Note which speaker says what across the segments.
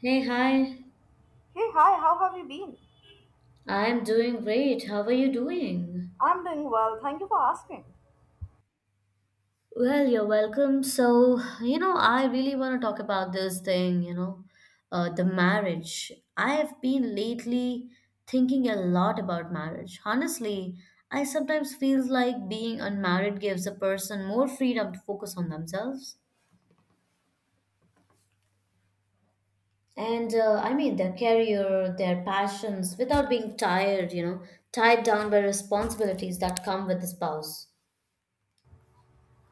Speaker 1: Hey, hi.
Speaker 2: Hey, hi, how have you been?
Speaker 1: I'm doing great. How are you doing?
Speaker 2: I'm doing well, thank you for asking.
Speaker 1: Well, you're welcome. So, I really want to talk about this thing, the marriage. I have been lately thinking a lot about marriage. Honestly, I sometimes feel like being unmarried gives a person more freedom to focus on themselves. And I mean, their career, their passions, without being tired, tied down by responsibilities that come with a spouse.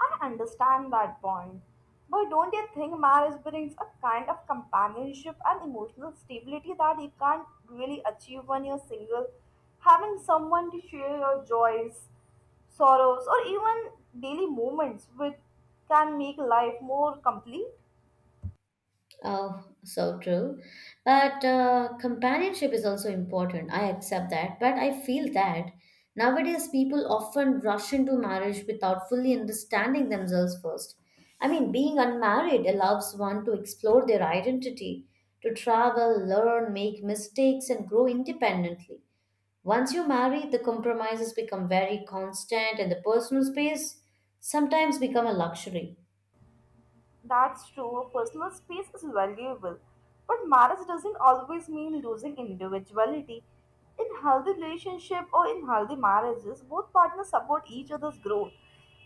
Speaker 2: I understand that point. But don't you think marriage brings a kind of companionship and emotional stability that you can't really achieve when you're single? Having someone to share your joys, sorrows, or even daily moments with can make life more complete?
Speaker 1: Oh, so true. But companionship is also important. I accept that. But I feel that nowadays people often rush into marriage without fully understanding themselves first. I mean, being unmarried allows one to explore their identity, to travel, learn, make mistakes, and grow independently. Once you marry, the compromises become very constant, and the personal space sometimes become a luxury.
Speaker 2: That's true, personal space is valuable. But marriage doesn't always mean losing individuality. In healthy relationship or in healthy marriages, both partners support each other's growth.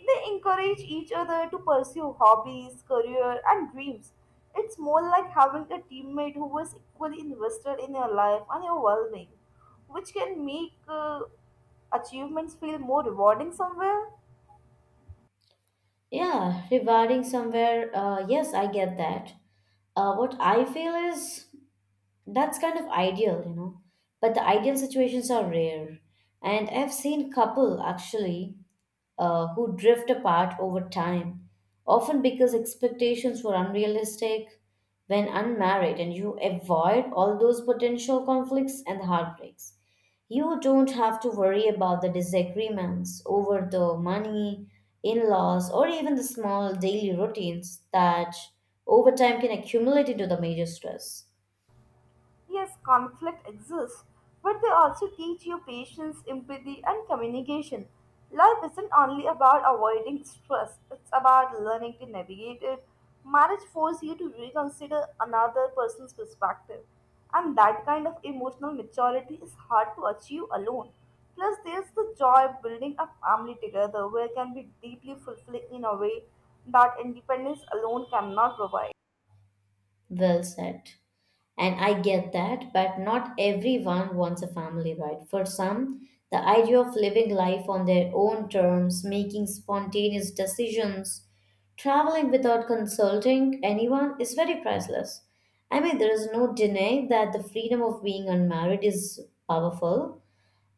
Speaker 2: They encourage each other to pursue hobbies, career, and dreams. It's more like having a teammate who is equally invested in your life and your well being, which can make achievements feel more rewarding somewhere.
Speaker 1: Yeah, rewarding somewhere. Yes, I get that. What I feel is that's kind of ideal. But the ideal situations are rare. And I've seen couple actually who drift apart over time, often because expectations were unrealistic when unmarried, and you avoid all those potential conflicts and heartbreaks. You don't have to worry about the disagreements over the money, in laws, or even the small daily routines that over time can accumulate into the major stress.
Speaker 2: Yes, conflict exists, but they also teach you patience, empathy, and communication. Life isn't only about avoiding stress, it's about learning to navigate it. Marriage forces you to reconsider another person's perspective, and that kind of emotional maturity is hard to achieve alone. Plus, there's the joy of building a family together where it can be deeply fulfilling in a way that independence alone cannot provide.
Speaker 1: Well said. And I get that, but not everyone wants a family, right? For some, the idea of living life on their own terms, making spontaneous decisions, traveling without consulting anyone is very priceless. I mean, there is no denying that the freedom of being unmarried is powerful,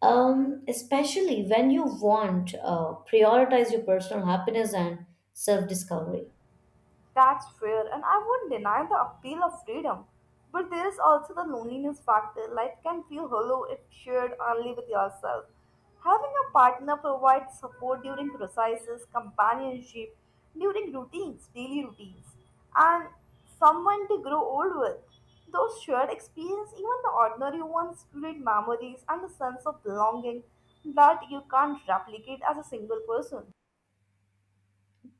Speaker 1: especially when you want prioritize your personal happiness and self-discovery.
Speaker 2: That's fair, and I won't deny the appeal of freedom. But there is also the loneliness factor. Life can feel hollow if shared only with yourself. Having a partner provides support during crises, companionship, during routines, daily routines, and someone to grow old with. Those shared experiences, even the ordinary ones, create memories and a sense of belonging that you can't replicate as a single person.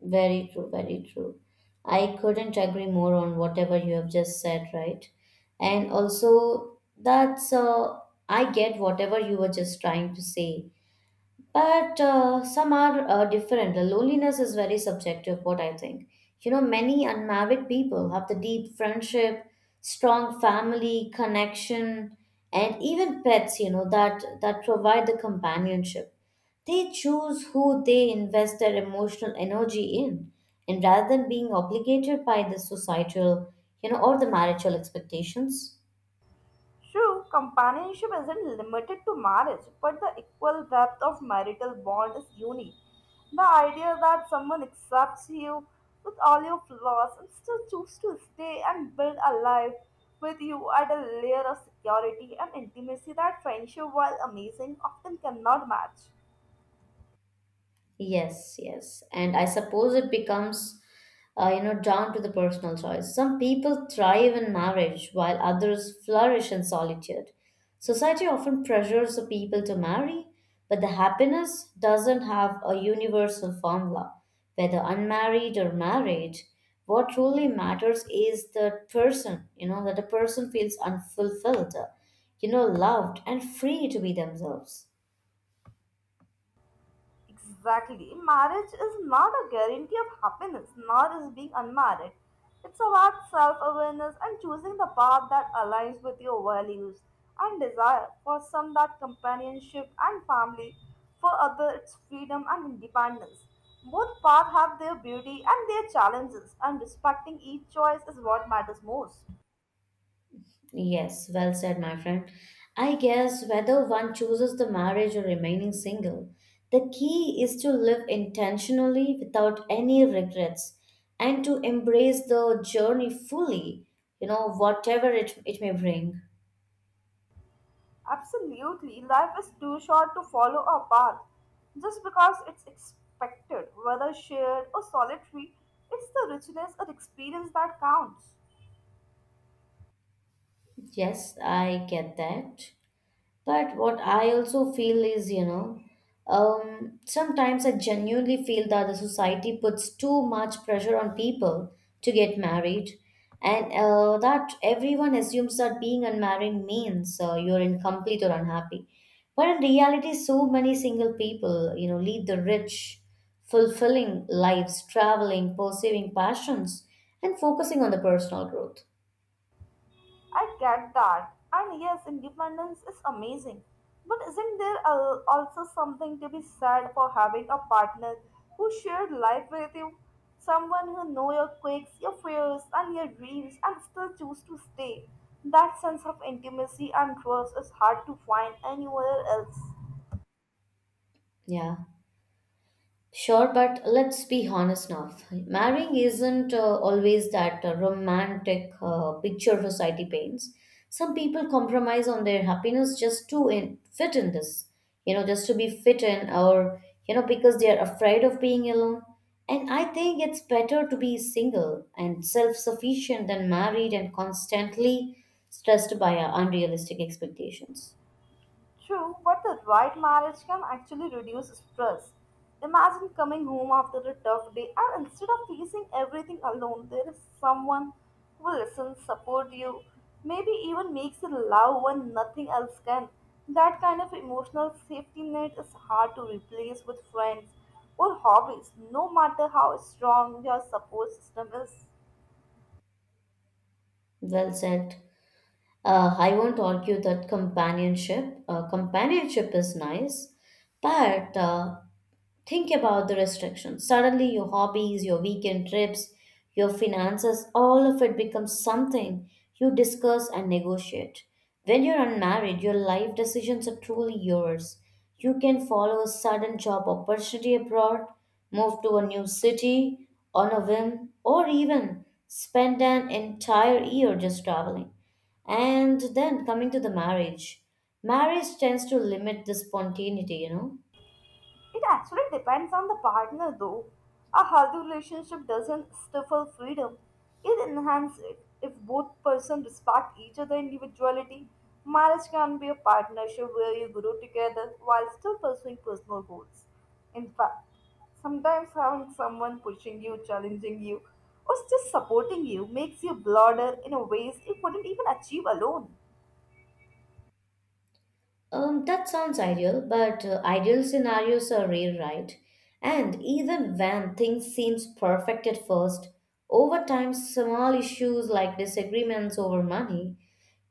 Speaker 1: Very true, very true. I couldn't agree more on whatever you have just said, right? And also, that's I get whatever you were just trying to say. But some are different. The loneliness is very subjective, what I think. Many unmarried people have the deep friendship, strong family connection, and even pets, that provide the companionship. They choose who they invest their emotional energy in, and rather than being obligated by the societal, or the marital expectations.
Speaker 2: True, companionship isn't limited to marriage, but the equal depth of marital bond is unique. The idea that someone accepts you with all your flaws and still chooses to stay and build a life with you at a layer of security and intimacy that friendship, while amazing, often cannot match.
Speaker 1: Yes, yes. And I suppose it becomes, down to the personal choice. Some people thrive in marriage while others flourish in solitude. Society often pressures the people to marry, but the happiness doesn't have a universal formula. Whether unmarried or married, what truly matters is the person, that the person feels unfulfilled, loved and free to be themselves.
Speaker 2: Exactly. Marriage is not a guarantee of happiness, nor is being unmarried. It's about self awareness and choosing the path that aligns with your values and desire. For some, that companionship and family. For others, it's freedom and independence. Both paths have their beauty and their challenges, and respecting each choice is what matters most.
Speaker 1: Yes, well said, my friend. I guess whether one chooses the marriage or remaining single, the key is to live intentionally without any regrets and to embrace the journey fully, whatever it may bring.
Speaker 2: Absolutely, life is too short to follow a path just because it's expected, whether shared or solitary. It's the richness of experience that counts.
Speaker 1: Yes, I get that. But what I also feel is, sometimes I genuinely feel that the society puts too much pressure on people to get married, and that everyone assumes that being unmarried means you're incomplete or unhappy. But in reality, so many single people, lead the rich, fulfilling lives, traveling, pursuing passions, and focusing on the personal growth.
Speaker 2: I get that. And yes, independence is amazing. But isn't there also something to be said for having a partner who shared life with you? Someone who know your quirks, your fears, and your dreams and still choose to stay. That sense of intimacy and trust is hard to find anywhere else.
Speaker 1: Yeah. Sure, but let's be honest now. Marrying isn't always that romantic picture society paints. Some people compromise on their happiness just to fit in this, just to be fit in, or, because they are afraid of being alone. And I think it's better to be single and self sufficient than married and constantly stressed by our unrealistic expectations.
Speaker 2: True, but the right marriage can actually reduce stress. Imagine coming home after a tough day and instead of facing everything alone, there is someone who will listen, support you, maybe even makes you laugh when nothing else can. That kind of emotional safety net is hard to replace with friends or hobbies, no matter how strong your support system is.
Speaker 1: Well said. I won't argue that companionship is nice, but think about the restrictions. Suddenly, your hobbies, your weekend trips, your finances, all of it becomes something you discuss and negotiate. When you're unmarried, your life decisions are truly yours. You can follow a sudden job opportunity abroad, move to a new city on a whim, or even spend an entire year just traveling. And then coming to the marriage, marriage tends to limit the spontaneity.
Speaker 2: It actually depends on the partner, though. A healthy relationship doesn't stifle freedom, it enhances it. If both persons respect each other's individuality, marriage can be a partnership where you grow together while still pursuing personal goals. In fact, sometimes having someone pushing you, challenging you, or just supporting you makes you broader in a ways you couldn't even achieve alone.
Speaker 1: That sounds ideal, but ideal scenarios are rare, right? And even when things seems perfect at first, over time, small issues like disagreements over money,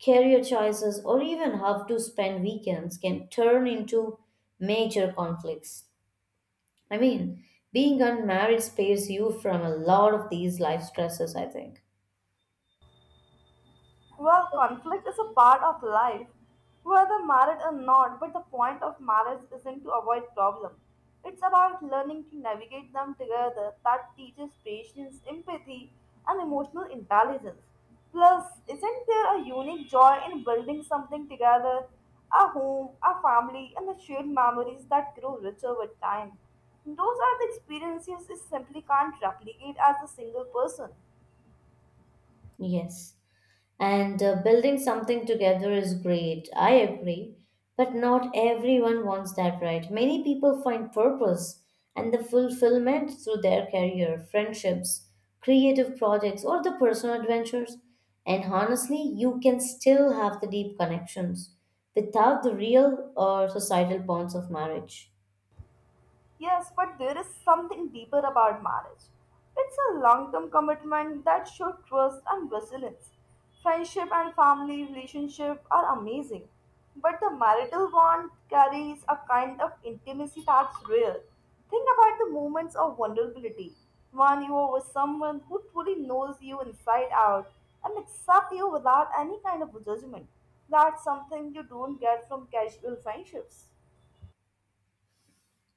Speaker 1: career choices, or even how to spend weekends can turn into major conflicts. I mean, being unmarried spares you from a lot of these life stresses, I think.
Speaker 2: Well, conflict is a part of life, whether married or not, but the point of marriage isn't to avoid problems. It's about learning to navigate them together that teaches patience, empathy, and emotional intelligence. Plus, isn't there a unique joy in building something together? A home, a family, and the shared memories that grow richer with time. Those are the experiences you simply can't replicate as a single person.
Speaker 1: Yes. And building something together is great, I agree. But not everyone wants that, right? Many people find purpose and the fulfillment through their career, friendships, creative projects, or the personal adventures. And honestly, you can still have the deep connections without the real or societal bonds of marriage.
Speaker 2: Yes, but there is something deeper about marriage. It's a long term commitment that shows trust and resilience. Friendship and family relationship are amazing, but the marital bond carries a kind of intimacy that's rare. Think about the moments of vulnerability when you are with someone who truly knows you inside out and accepts you without any kind of judgment. That's something you don't get from casual friendships.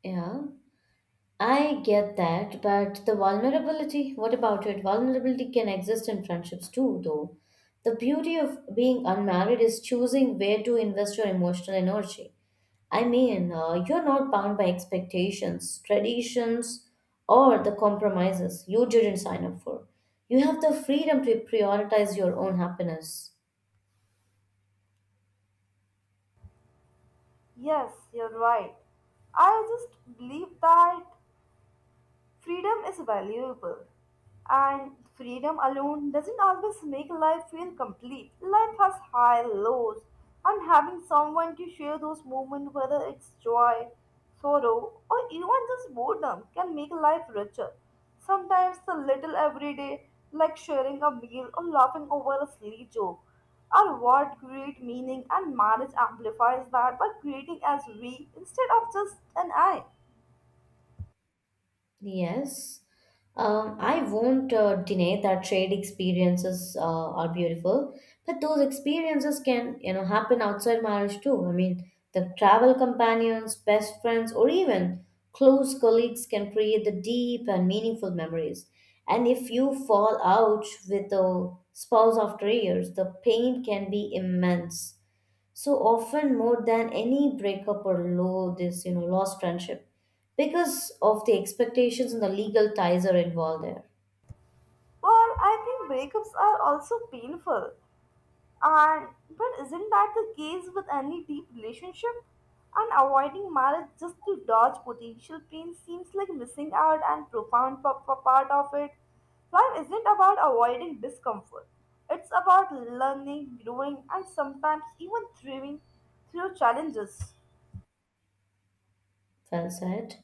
Speaker 1: Yeah. I get that, but the vulnerability, what about it? Vulnerability can exist in friendships too, though. The beauty of being unmarried is choosing where to invest your emotional energy. I mean, you're not bound by expectations, traditions, or the compromises you didn't sign up for. You have the freedom to prioritize your own happiness.
Speaker 2: Yes, you're right. I just believe that Freedom is valuable, and freedom alone doesn't always make life feel complete. Life has high lows, and having someone to share those moments, whether it's joy, sorrow, or even just boredom, can make life richer. Sometimes the little everyday, like sharing a meal or laughing over a silly joke, are what create meaning, and marriage amplifies that by creating as we instead of just an I.
Speaker 1: Yes. I won't deny that trade experiences are beautiful, but those experiences can, happen outside marriage too. I mean, the travel companions, best friends, or even close colleagues can create the deep and meaningful memories. And if you fall out with a spouse after years, the pain can be immense, so often more than any breakup or low this lost friendship, because of the expectations and the legal ties are involved there.
Speaker 2: Well, I think breakups are also painful. And but isn't that the case with any deep relationship? And avoiding marriage just to dodge potential pain seems like missing out and profound part of it. Life isn't about avoiding discomfort. It's about learning, growing, and sometimes even thriving through challenges.
Speaker 1: Well said.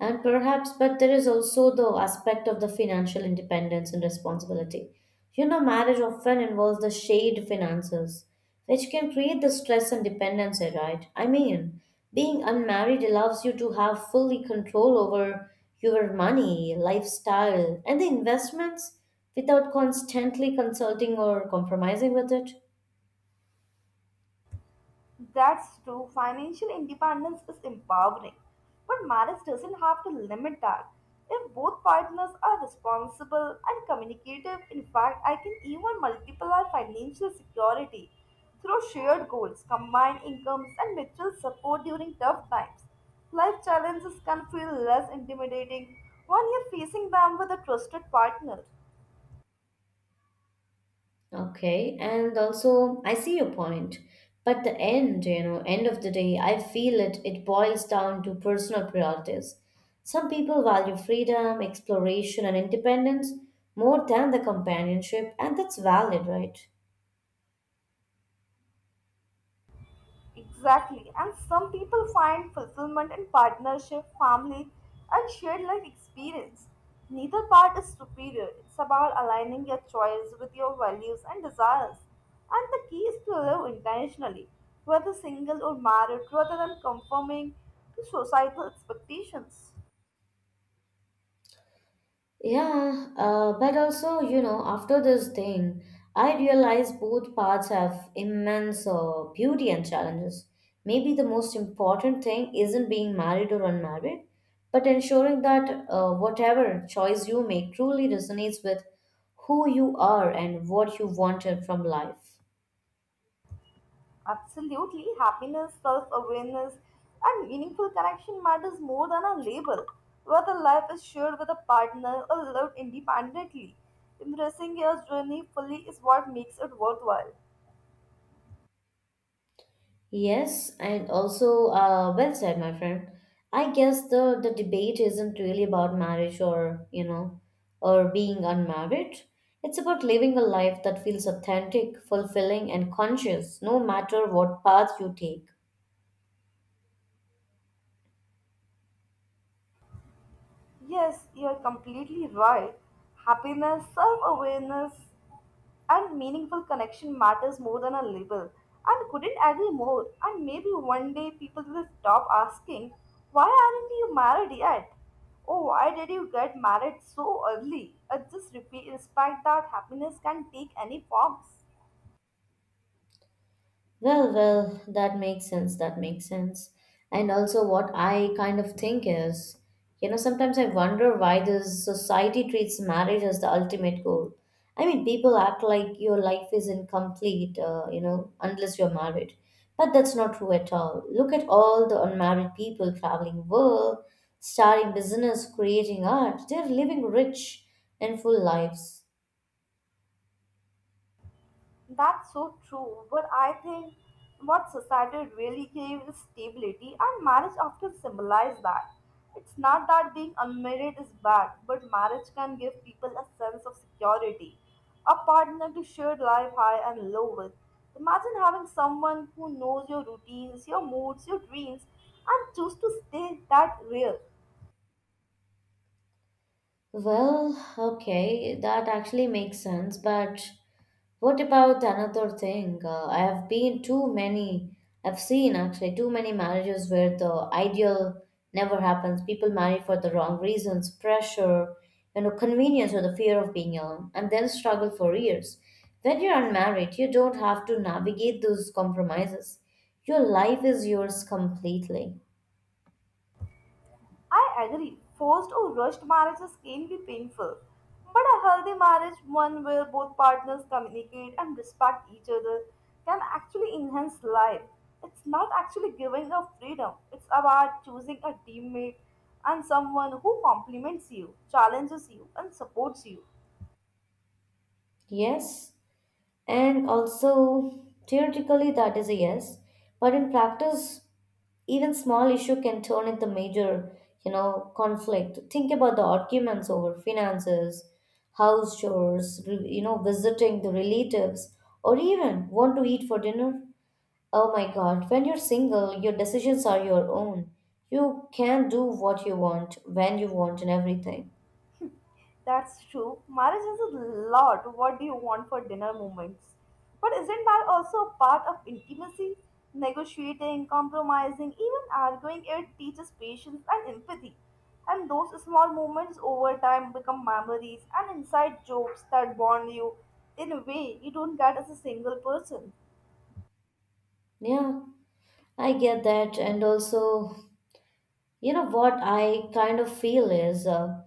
Speaker 1: And perhaps, but there is also the aspect of the financial independence and responsibility. Marriage often involves the shared finances, which can create the stress and dependency, right? I mean, being unmarried allows you to have fully control over your money, lifestyle, and the investments without constantly consulting or compromising with it.
Speaker 2: That's true. Financial independence is empowering. But marriage doesn't have to limit that. If both partners are responsible and communicative, in fact, I can even multiply our financial security through shared goals, combined incomes, and mutual support during tough times. Life challenges can feel less intimidating when you're facing them with a trusted partner.
Speaker 1: Okay, and also I see your point. But the end, you know, end of the day, I feel it boils down to personal priorities. Some people value freedom, exploration, and independence more than the companionship, and that's valid, right?
Speaker 2: Exactly. And some people find fulfillment in partnership, family, and shared life experience. Neither part is superior. It's about aligning your choice with your values and desires. And the key is to live intentionally, whether single or married, rather than conforming to societal expectations.
Speaker 1: Yeah, but also, after this thing, I realized both paths have immense beauty and challenges. Maybe the most important thing isn't being married or unmarried, but ensuring that whatever choice you make truly resonates with who you are and what you wanted from life.
Speaker 2: Absolutely, happiness, self awareness, and meaningful connection matters more than a label. Whether life is shared with a partner or lived independently, embracing your journey fully is what makes it worthwhile.
Speaker 1: Yes, and also, well said, my friend. I guess the debate isn't really about marriage or, or being unmarried. It's about living a life that feels authentic, fulfilling, and conscious, no matter what path you take.
Speaker 2: Yes, you are completely right. Happiness, self awareness, and meaningful connection matters more than a label. And couldn't agree more. And maybe one day people will stop asking, why aren't you married yet? Oh, why did you get married so early? I just repeat, respect that happiness can take any forms.
Speaker 1: Well, that makes sense. That makes sense. And also, what I kind of think is, sometimes I wonder why this society treats marriage as the ultimate goal. I mean, people act like your life is incomplete, unless you're married. But that's not true at all. Look at all the unmarried people traveling world, starting business, creating art. They're living rich and full lives.
Speaker 2: That's so true, but I think what society really craves is stability, and marriage often symbolizes that. It's not that being unmarried is bad, but marriage can give people a sense of security, a partner to share life high and low with. Imagine having someone who knows your routines, your moods, your dreams, and choose to stay that real.
Speaker 1: Well, okay, that actually makes sense. But what about another thing? I've seen actually too many marriages where the ideal never happens. People marry for the wrong reasons, pressure, convenience, or the fear of being alone, and then struggle for years. When you're unmarried, you don't have to navigate those compromises. Your life is yours completely.
Speaker 2: I agree, forced or rushed marriages can be painful, but a healthy marriage, one where both partners communicate and respect each other, can actually enhance life. It's not actually giving up freedom, it's about choosing a teammate and someone who compliments you, challenges you, and supports you.
Speaker 1: Yes? And also, theoretically, that is a yes. But in practice, even small issue can turn into major, conflict. Think about the arguments over finances, house chores, visiting the relatives, or even want to eat for dinner. Oh my God, when you're single, your decisions are your own. You can do what you want, when you want, and everything.
Speaker 2: That's true. Marriage is a lot. What do you want for dinner moments? But isn't that also a part of intimacy? Negotiating, compromising, even arguing, it teaches patience and empathy. And those small moments over time become memories and inside jokes that bond you in a way you don't get as a single person.
Speaker 1: Yeah, I get that. And also, you know what I kind of feel is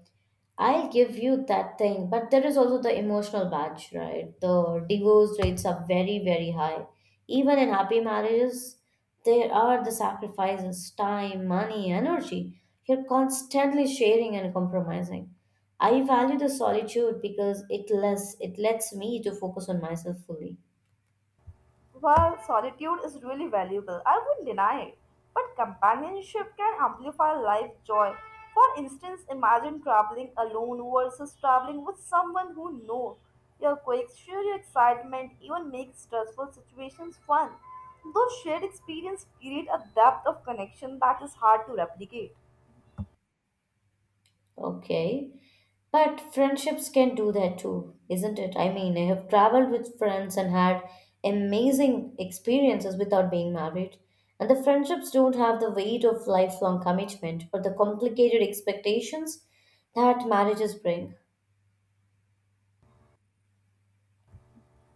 Speaker 1: I'll give you that thing, but there is also the emotional badge, right? The divorce rates are very, very high. Even in happy marriages, there are the sacrifices, time, money, energy. You're constantly sharing and compromising. I value the solitude because it lets me to focus on myself fully.
Speaker 2: While solitude is really valuable, I won't deny it, but companionship can amplify life joy. For instance, imagine traveling alone versus traveling with someone who knows your quirks, share your excitement, even make stressful situations fun. Those shared experiences create a depth of connection that is hard to replicate.
Speaker 1: Okay. But friendships can do that too, isn't it? I mean, I have traveled with friends and had amazing experiences without being married. And the friendships don't have the weight of lifelong commitment or the complicated expectations that marriages bring.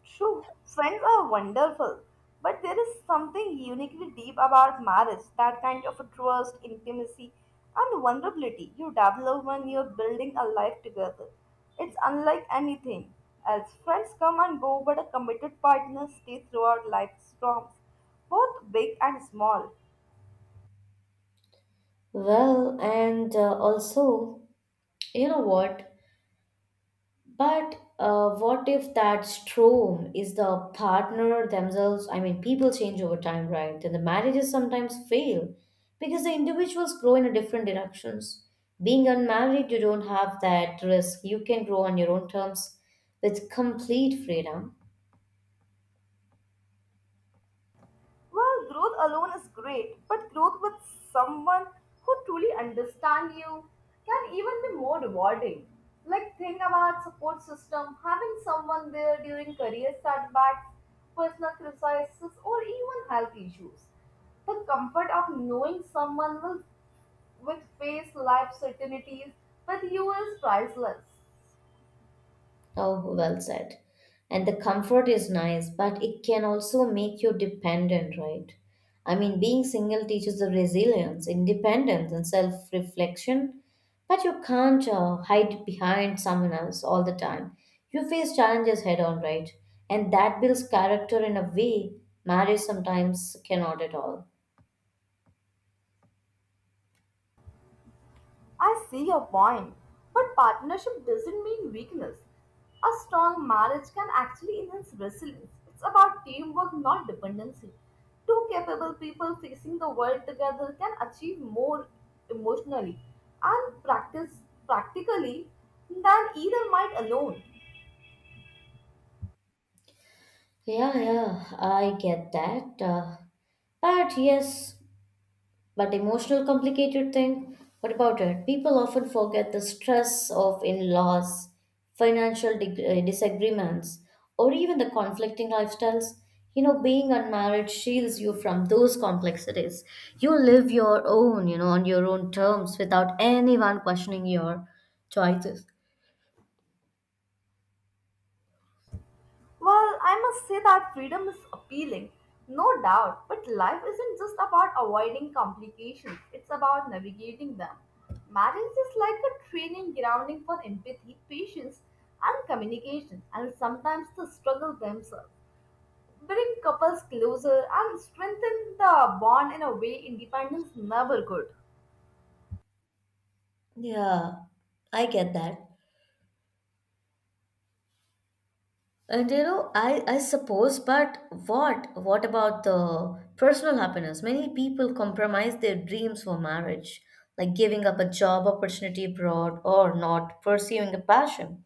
Speaker 2: True, friends are wonderful, but there is something uniquely deep about marriage that kind of a trust, intimacy, and vulnerability you develop when you're building a life together. It's unlike anything else. Friends come and go, but a committed partner stays throughout life's storms, both big and small.
Speaker 1: Well, and also, you know what? But what if that storm is the partner themselves? I mean, people change over time, right? Then the marriages sometimes fail because the individuals grow in a different directions. Being unmarried, you don't have that risk. You can grow on your own terms with complete freedom.
Speaker 2: Well, growth alone is great, but growth with someone who truly understands you can even be more rewarding. Like think about support system, having someone there during career setbacks, personal crises, or even health issues. The comfort of knowing someone will face life certainties with you is priceless.
Speaker 1: Oh, well said. And the comfort is nice, but it can also make you dependent, right? I mean, being single teaches the resilience, independence, and self reflection, but you can't hide behind someone else all the time. You face challenges head on, right? And that builds character in a way marriage sometimes cannot at all.
Speaker 2: I see your point, but partnership doesn't mean weakness. A strong marriage can actually enhance resilience. It's about teamwork, not dependency. Two capable people facing the world together can achieve more emotionally and practice practically than either might alone.
Speaker 1: Yeah, yeah, I get that. But yes, But emotional complicated thing, what about it? People often forget the stress of in-laws, financial disagreements, or even the conflicting lifestyles. You know, being unmarried shields you from those complexities. You live your own, you know, on your own terms without anyone questioning your choices.
Speaker 2: Well, I must say that freedom is appealing, no doubt, but life isn't just about avoiding complications, it's about navigating them. Marriage is like a training grounding for empathy, patience, and communication, and sometimes the struggle themselves. Bring couples closer and strengthen the bond in a way independence never could.
Speaker 1: Yeah, I get that. And you know, I suppose, but What about the personal happiness? Many people compromise their dreams for marriage, like giving up a job opportunity abroad or not pursuing a passion,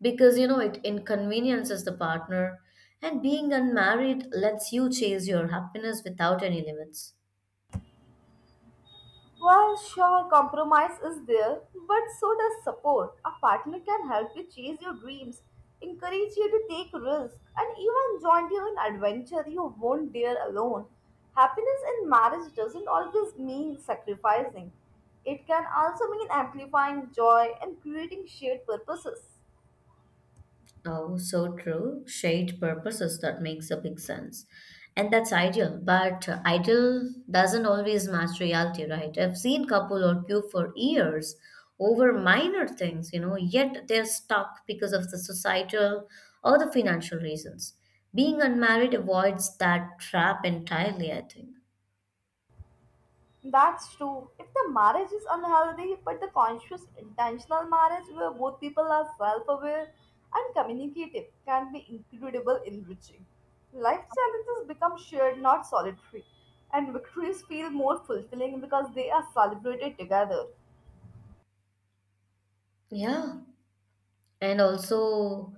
Speaker 1: because you know it inconveniences the partner, and being unmarried lets you chase your happiness without any limits.
Speaker 2: Well, sure, compromise is there, but so does support. A partner can help you chase your dreams, encourage you to take risks, and even join you in adventure you won't dare alone. Happiness in marriage doesn't always mean sacrificing. It can also mean amplifying joy and creating shared purposes.
Speaker 1: Oh, so true. Shared purposes, that makes a big sense. And that's ideal, but ideal doesn't always match reality, right? I've seen couple argue for years over minor things, you know, yet they're stuck because of the societal or the financial reasons. Being unmarried avoids that trap entirely, I think.
Speaker 2: That's true. If the marriage is unhealthy, but the conscious, intentional marriage where both people are self aware and communicative can be incredible enriching. Life challenges become shared, not solitary, and victories feel more fulfilling because they are celebrated together.
Speaker 1: Yeah, and also,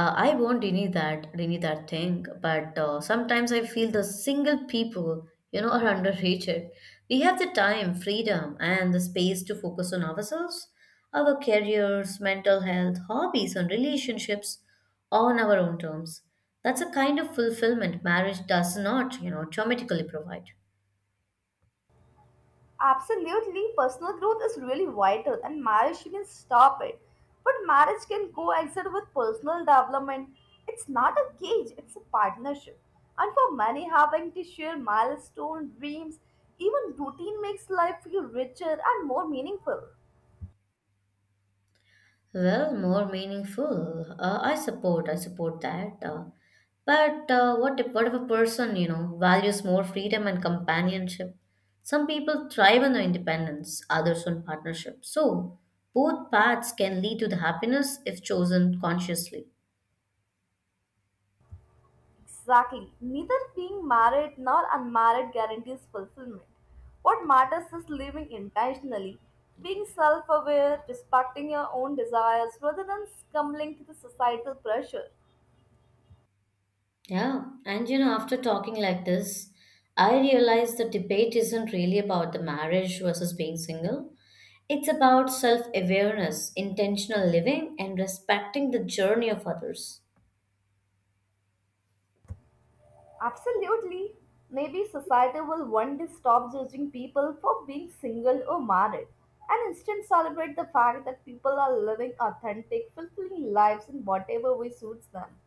Speaker 1: I won't deny that thing but sometimes I feel the single people, you know, are underrated. We have the time, freedom, and the space to focus on ourselves, our careers, mental health, hobbies, and relationships on our own terms. That's a kind of fulfillment marriage does not, you know, automatically provide.
Speaker 2: Absolutely, personal growth is really vital, and marriage shouldn't stop it. But marriage can coexist with personal development. It's not a cage, it's a partnership. And for many, having to share milestones, dreams, even routine makes life feel richer and more meaningful.
Speaker 1: Well, more meaningful. I support. I support that. But What if what if a person, you know, values more freedom and companionship? Some people thrive on their independence, others on partnership. So both paths can lead to the happiness if chosen consciously.
Speaker 2: Exactly. Neither being married nor unmarried guarantees fulfillment. What matters is living intentionally, being self aware, respecting your own desires rather than succumbing to the societal pressure.
Speaker 1: Yeah, and you know, after talking like this, I realize the debate isn't really about the marriage versus being single. It's about self awareness, intentional living, and respecting the journey of others.
Speaker 2: Absolutely. Maybe society will one day stop judging people for being single or married and instead celebrate the fact that people are living authentic, fulfilling lives in whatever way suits them.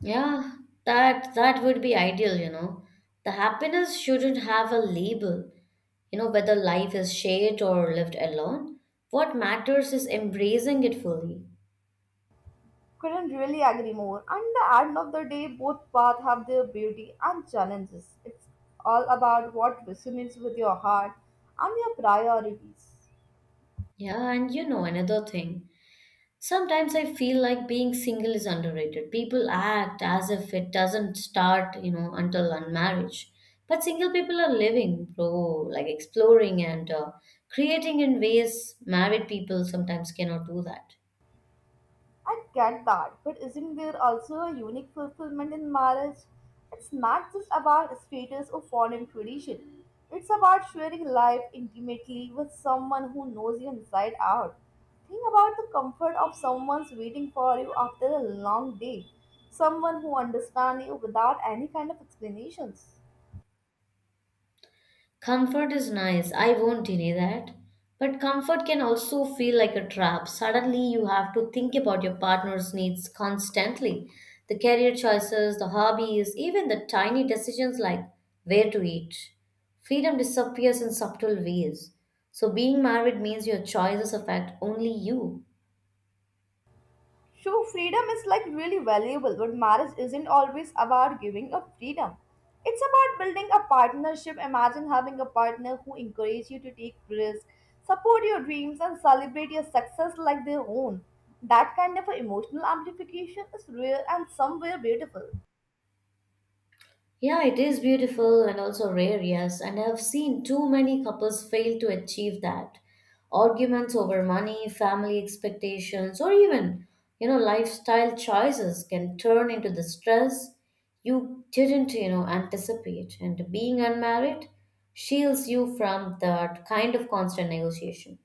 Speaker 1: Yeah, that would be ideal, you know. The happiness shouldn't have a label, you know, whether life is shared or lived alone. What matters is embracing it fully.
Speaker 2: Couldn't really agree more. And the end of the day, both paths have their beauty and challenges. It's all about what resonates with your heart and your priorities.
Speaker 1: Yeah, and you know, another thing. Sometimes I feel like being single is underrated. People act as if it doesn't start, you know, until unmarriage. But single people are living, bro, like exploring and creating in ways married people sometimes cannot do that.
Speaker 2: I get that, but isn't there also a unique fulfillment in marriage? It's not just about status or foreign tradition. It's about sharing life intimately with someone who knows you inside out. Think about the comfort of someone's waiting for you after a long day, someone who understands you without any kind of explanations.
Speaker 1: Comfort is nice, I won't deny that. But comfort can also feel like a trap. Suddenly, you have to think about your partner's needs constantly, the career choices, the hobbies, even the tiny decisions like where to eat. Freedom disappears in subtle ways. So, being married means your choices affect only you.
Speaker 2: So, freedom is like really valuable, but marriage isn't always about giving up freedom. It's about building a partnership. Imagine having a partner who encourages you to take risks, support your dreams, and celebrate your success like their own. That kind of a emotional amplification is rare and somewhere beautiful.
Speaker 1: Yeah, it is beautiful and also rare, yes. And I've seen too many couples fail to achieve that. Arguments over money, family expectations, or even, you know, lifestyle choices can turn into the stress you didn't, you know, anticipate. And being unmarried shields you from that kind of constant negotiation.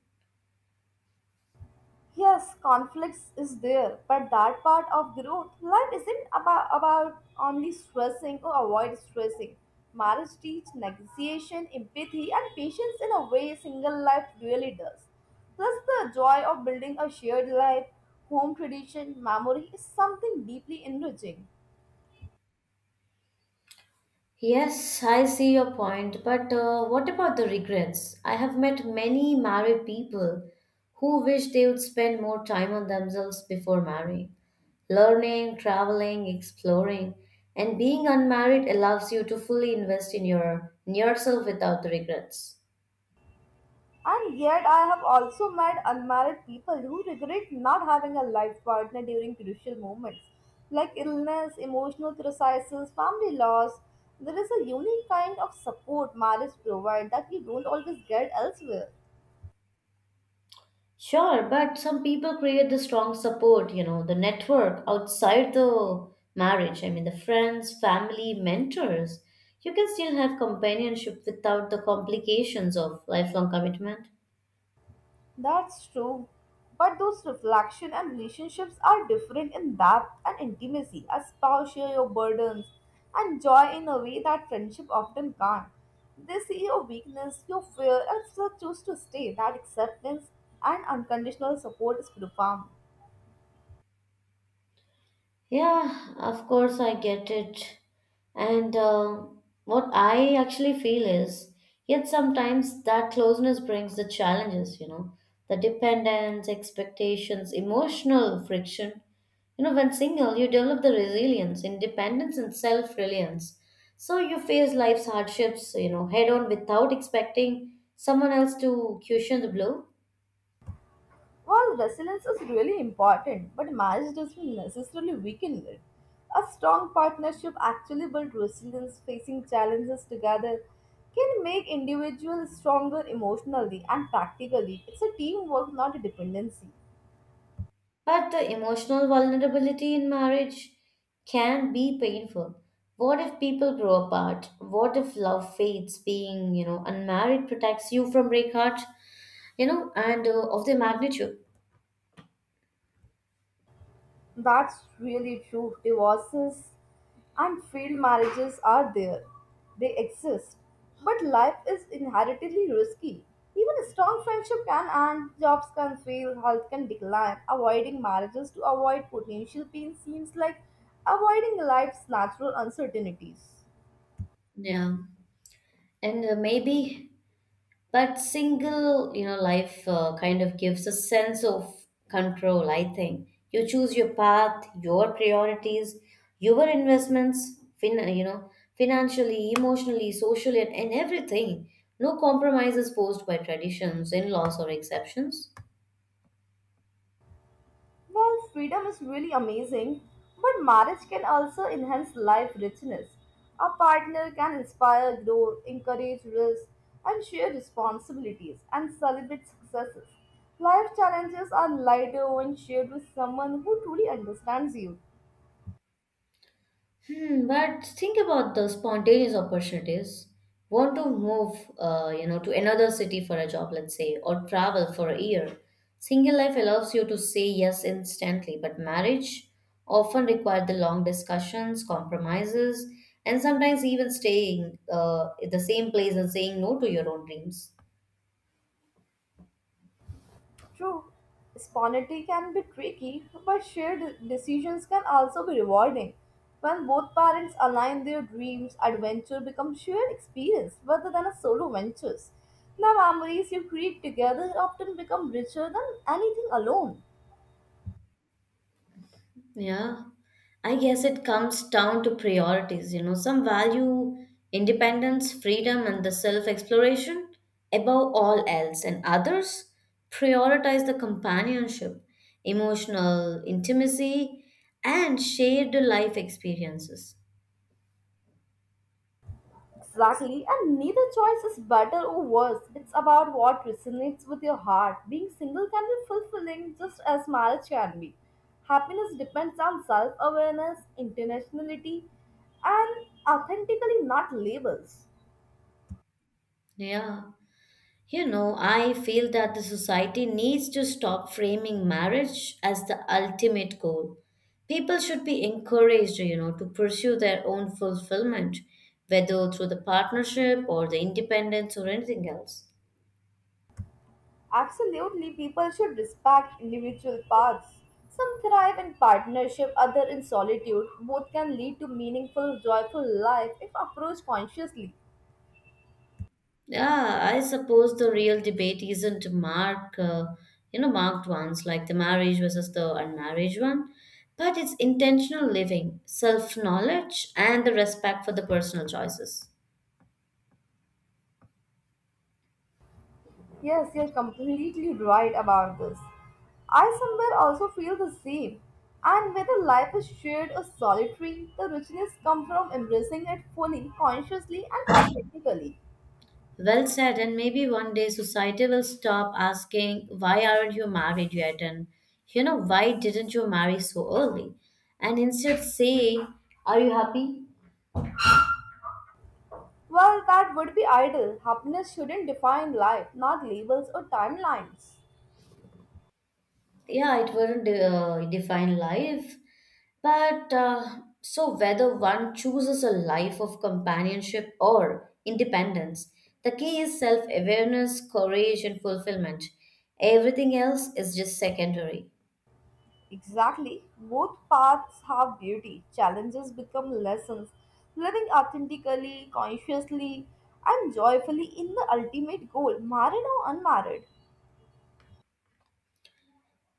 Speaker 2: Yes, conflicts is there, but that part of growth, life isn't about only stressing or avoid stressing. Marriage teach negotiation, empathy, and patience in a way single life really does. Plus, the joy of building a shared life, home tradition, memory is something deeply enriching.
Speaker 1: Yes, I see your point, but what about the regrets? I have met many married people who wish they would spend more time on themselves before marrying. Learning, traveling, exploring, and being unmarried allows you to fully invest in yourself without the regrets.
Speaker 2: And yet, I have also met unmarried people who regret not having a life partner during crucial moments like illness, emotional crises, family loss. There is a unique kind of support marriage provides that you don't always get elsewhere.
Speaker 1: Sure, but some people create the strong support, you know, the network outside the marriage. I mean, the friends, family, mentors. You can still have companionship without the complications of lifelong commitment.
Speaker 2: That's true. But those reflection and relationships are different in depth and intimacy. A spouse share your burdens and joy in a way that friendship often can't. They see your weakness, your fear, and still choose to stay. That acceptance and unconditional support is profound.
Speaker 1: Yeah, of course I get it. And what I actually feel is, yet sometimes that closeness brings the challenges, you know, the dependence, expectations, emotional friction. You know, when single, you develop the resilience, independence, and self reliance. So you face life's hardships, you know, head on without expecting someone else to cushion the blow.
Speaker 2: While resilience is really important, but marriage doesn't necessarily weaken it. A strong partnership actually builds resilience, facing challenges together can make individuals stronger emotionally and practically. It's a teamwork, not a dependency.
Speaker 1: But the emotional vulnerability in marriage can be painful. What if people grow apart? What if love fades? Being, you know, unmarried protects you from breakheart, you know, and of the magnitude.
Speaker 2: That's really true. Divorces and failed marriages are there. They exist. But life is inherently risky. Even a strong friendship can end, jobs can fail, health can decline. Avoiding marriages to avoid potential pain seems like avoiding life's natural uncertainties.
Speaker 1: Yeah. And maybe But single, you know, life kind of gives a sense of control, I think. You choose your path, your priorities, your investments, you know, financially, emotionally, socially, and everything. No compromises forced by traditions, in laws, or exceptions.
Speaker 2: Well, freedom is really amazing, but marriage can also enhance life richness. A partner can inspire growth, encourage risk, and share responsibilities and celebrate successes. Life challenges are lighter when shared with someone who truly understands you.
Speaker 1: Hmm, but think about the spontaneous opportunities. Want to move, you know, to another city for a job, let's say, or travel for a year. Single life allows you to say yes instantly, but marriage often requires the long discussions, compromises, and sometimes even staying in the same place and saying no to your own dreams.
Speaker 2: True, spontaneity can be tricky, but shared decisions can also be rewarding. When both parents align their dreams, adventure becomes shared experience rather than a solo ventures. The memories you create together often become richer than anything alone.
Speaker 1: Yeah, I guess it comes down to priorities, you know, some value independence, freedom, and the self exploration above all else, and others prioritize the companionship, emotional intimacy, and shared life experiences.
Speaker 2: Exactly, and neither choice is better or worse. It's about what resonates with your heart. Being single can be fulfilling just as marriage can be. Happiness depends on self awareness, intentionality, and authentically, not labels.
Speaker 1: Yeah. You know, I feel that the society needs to stop framing marriage as the ultimate goal. People should be encouraged, you know, to pursue their own fulfillment, whether through the partnership or the independence or anything else.
Speaker 2: Absolutely, people should respect individual paths. Some thrive in partnership, others in solitude. Both can lead to meaningful, joyful life if approached consciously.
Speaker 1: Yeah, I suppose the real debate isn't you know, marked ones like the marriage versus the unmarried one, but it's intentional living, self knowledge, and the respect for the personal choices.
Speaker 2: Yes, you're completely right about this. I somewhere also feel the same. And whether life is shared or solitary, the richness comes from embracing it fully, consciously, and authentically.
Speaker 1: Well said, and maybe one day society will stop asking, why aren't you married yet? And, you know, why didn't you marry so early? And instead saying, are you happy?
Speaker 2: Well, that would be ideal. Happiness shouldn't define life, not labels or timelines.
Speaker 1: Yeah, it wouldn't define life. But so, whether one chooses a life of companionship or independence, the key is self awareness, courage, and fulfillment. Everything else is just secondary.
Speaker 2: Exactly. Both paths have beauty. Challenges become lessons. Living authentically, consciously, and joyfully in the ultimate goal, married or unmarried.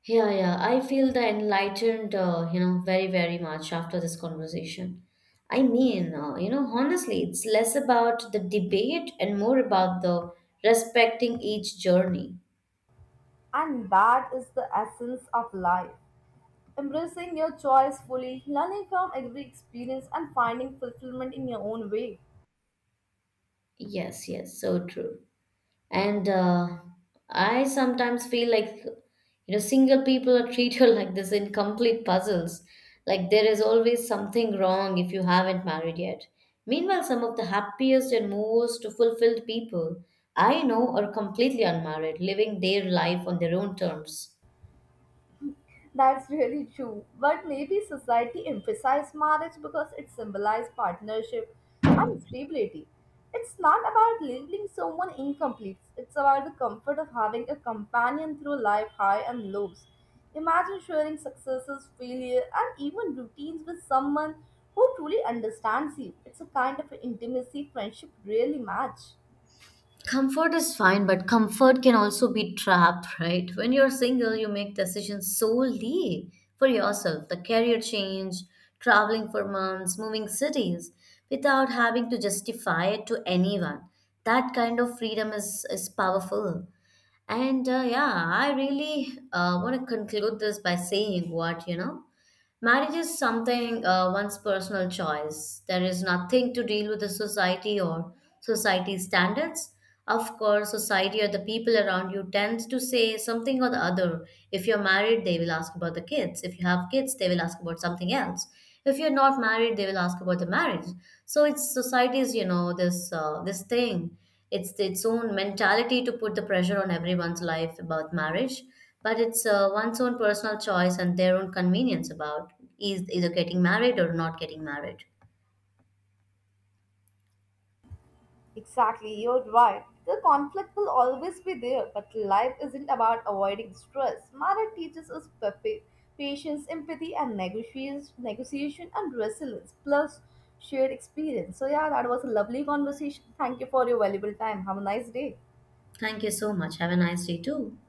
Speaker 1: Yeah, yeah. I feel the enlightened, you know, very, very much after this conversation. I mean, you know, honestly, it's less about the debate and more about the respecting each journey.
Speaker 2: And that is the essence of life. Embracing your choice fully, learning from every experience, and finding fulfillment in your own way.
Speaker 1: Yes, yes, so true. And I sometimes feel like, you know, single people are treated like this incomplete puzzles, like there is always something wrong if you haven't married yet. Meanwhile, some of the happiest and most fulfilled people I know are completely unmarried, living their life on their own terms.
Speaker 2: That's really true. But maybe society emphasized marriage because it symbolized partnership and stability. It's not about leaving someone incomplete, it's about the comfort of having a companion through life high and lows. Imagine sharing successes, failure, and even routines with someone who truly understands you. It's a kind of intimacy friendship really match.
Speaker 1: Comfort is fine, but comfort can also be trapped, right? When you're single, you make decisions solely for yourself. The career change, traveling for months, moving cities, without having to justify it to anyone. That kind of freedom is powerful. And yeah, I really want to conclude this by saying what, you know, marriage is something, one's personal choice. There is nothing to deal with the society or society standards. Of course, society or the people around you tends to say something or the other. If you're married, they will ask about the kids. If you have kids, they will ask about something else. If you're not married, they will ask about the marriage. So it's society's, you know, this thing. It's its own mentality to put the pressure on everyone's life about marriage, but it's one's own personal choice and their own convenience about is either getting married or not getting married.
Speaker 2: Exactly, you're right. The conflict will always be there, but life isn't about avoiding stress. Mara teaches us patience, empathy, and negotiation and resilience, plus shared experience. So, yeah, that was a lovely conversation. Thank you for your valuable time. Have a nice day.
Speaker 1: Thank you so much, have a nice day too.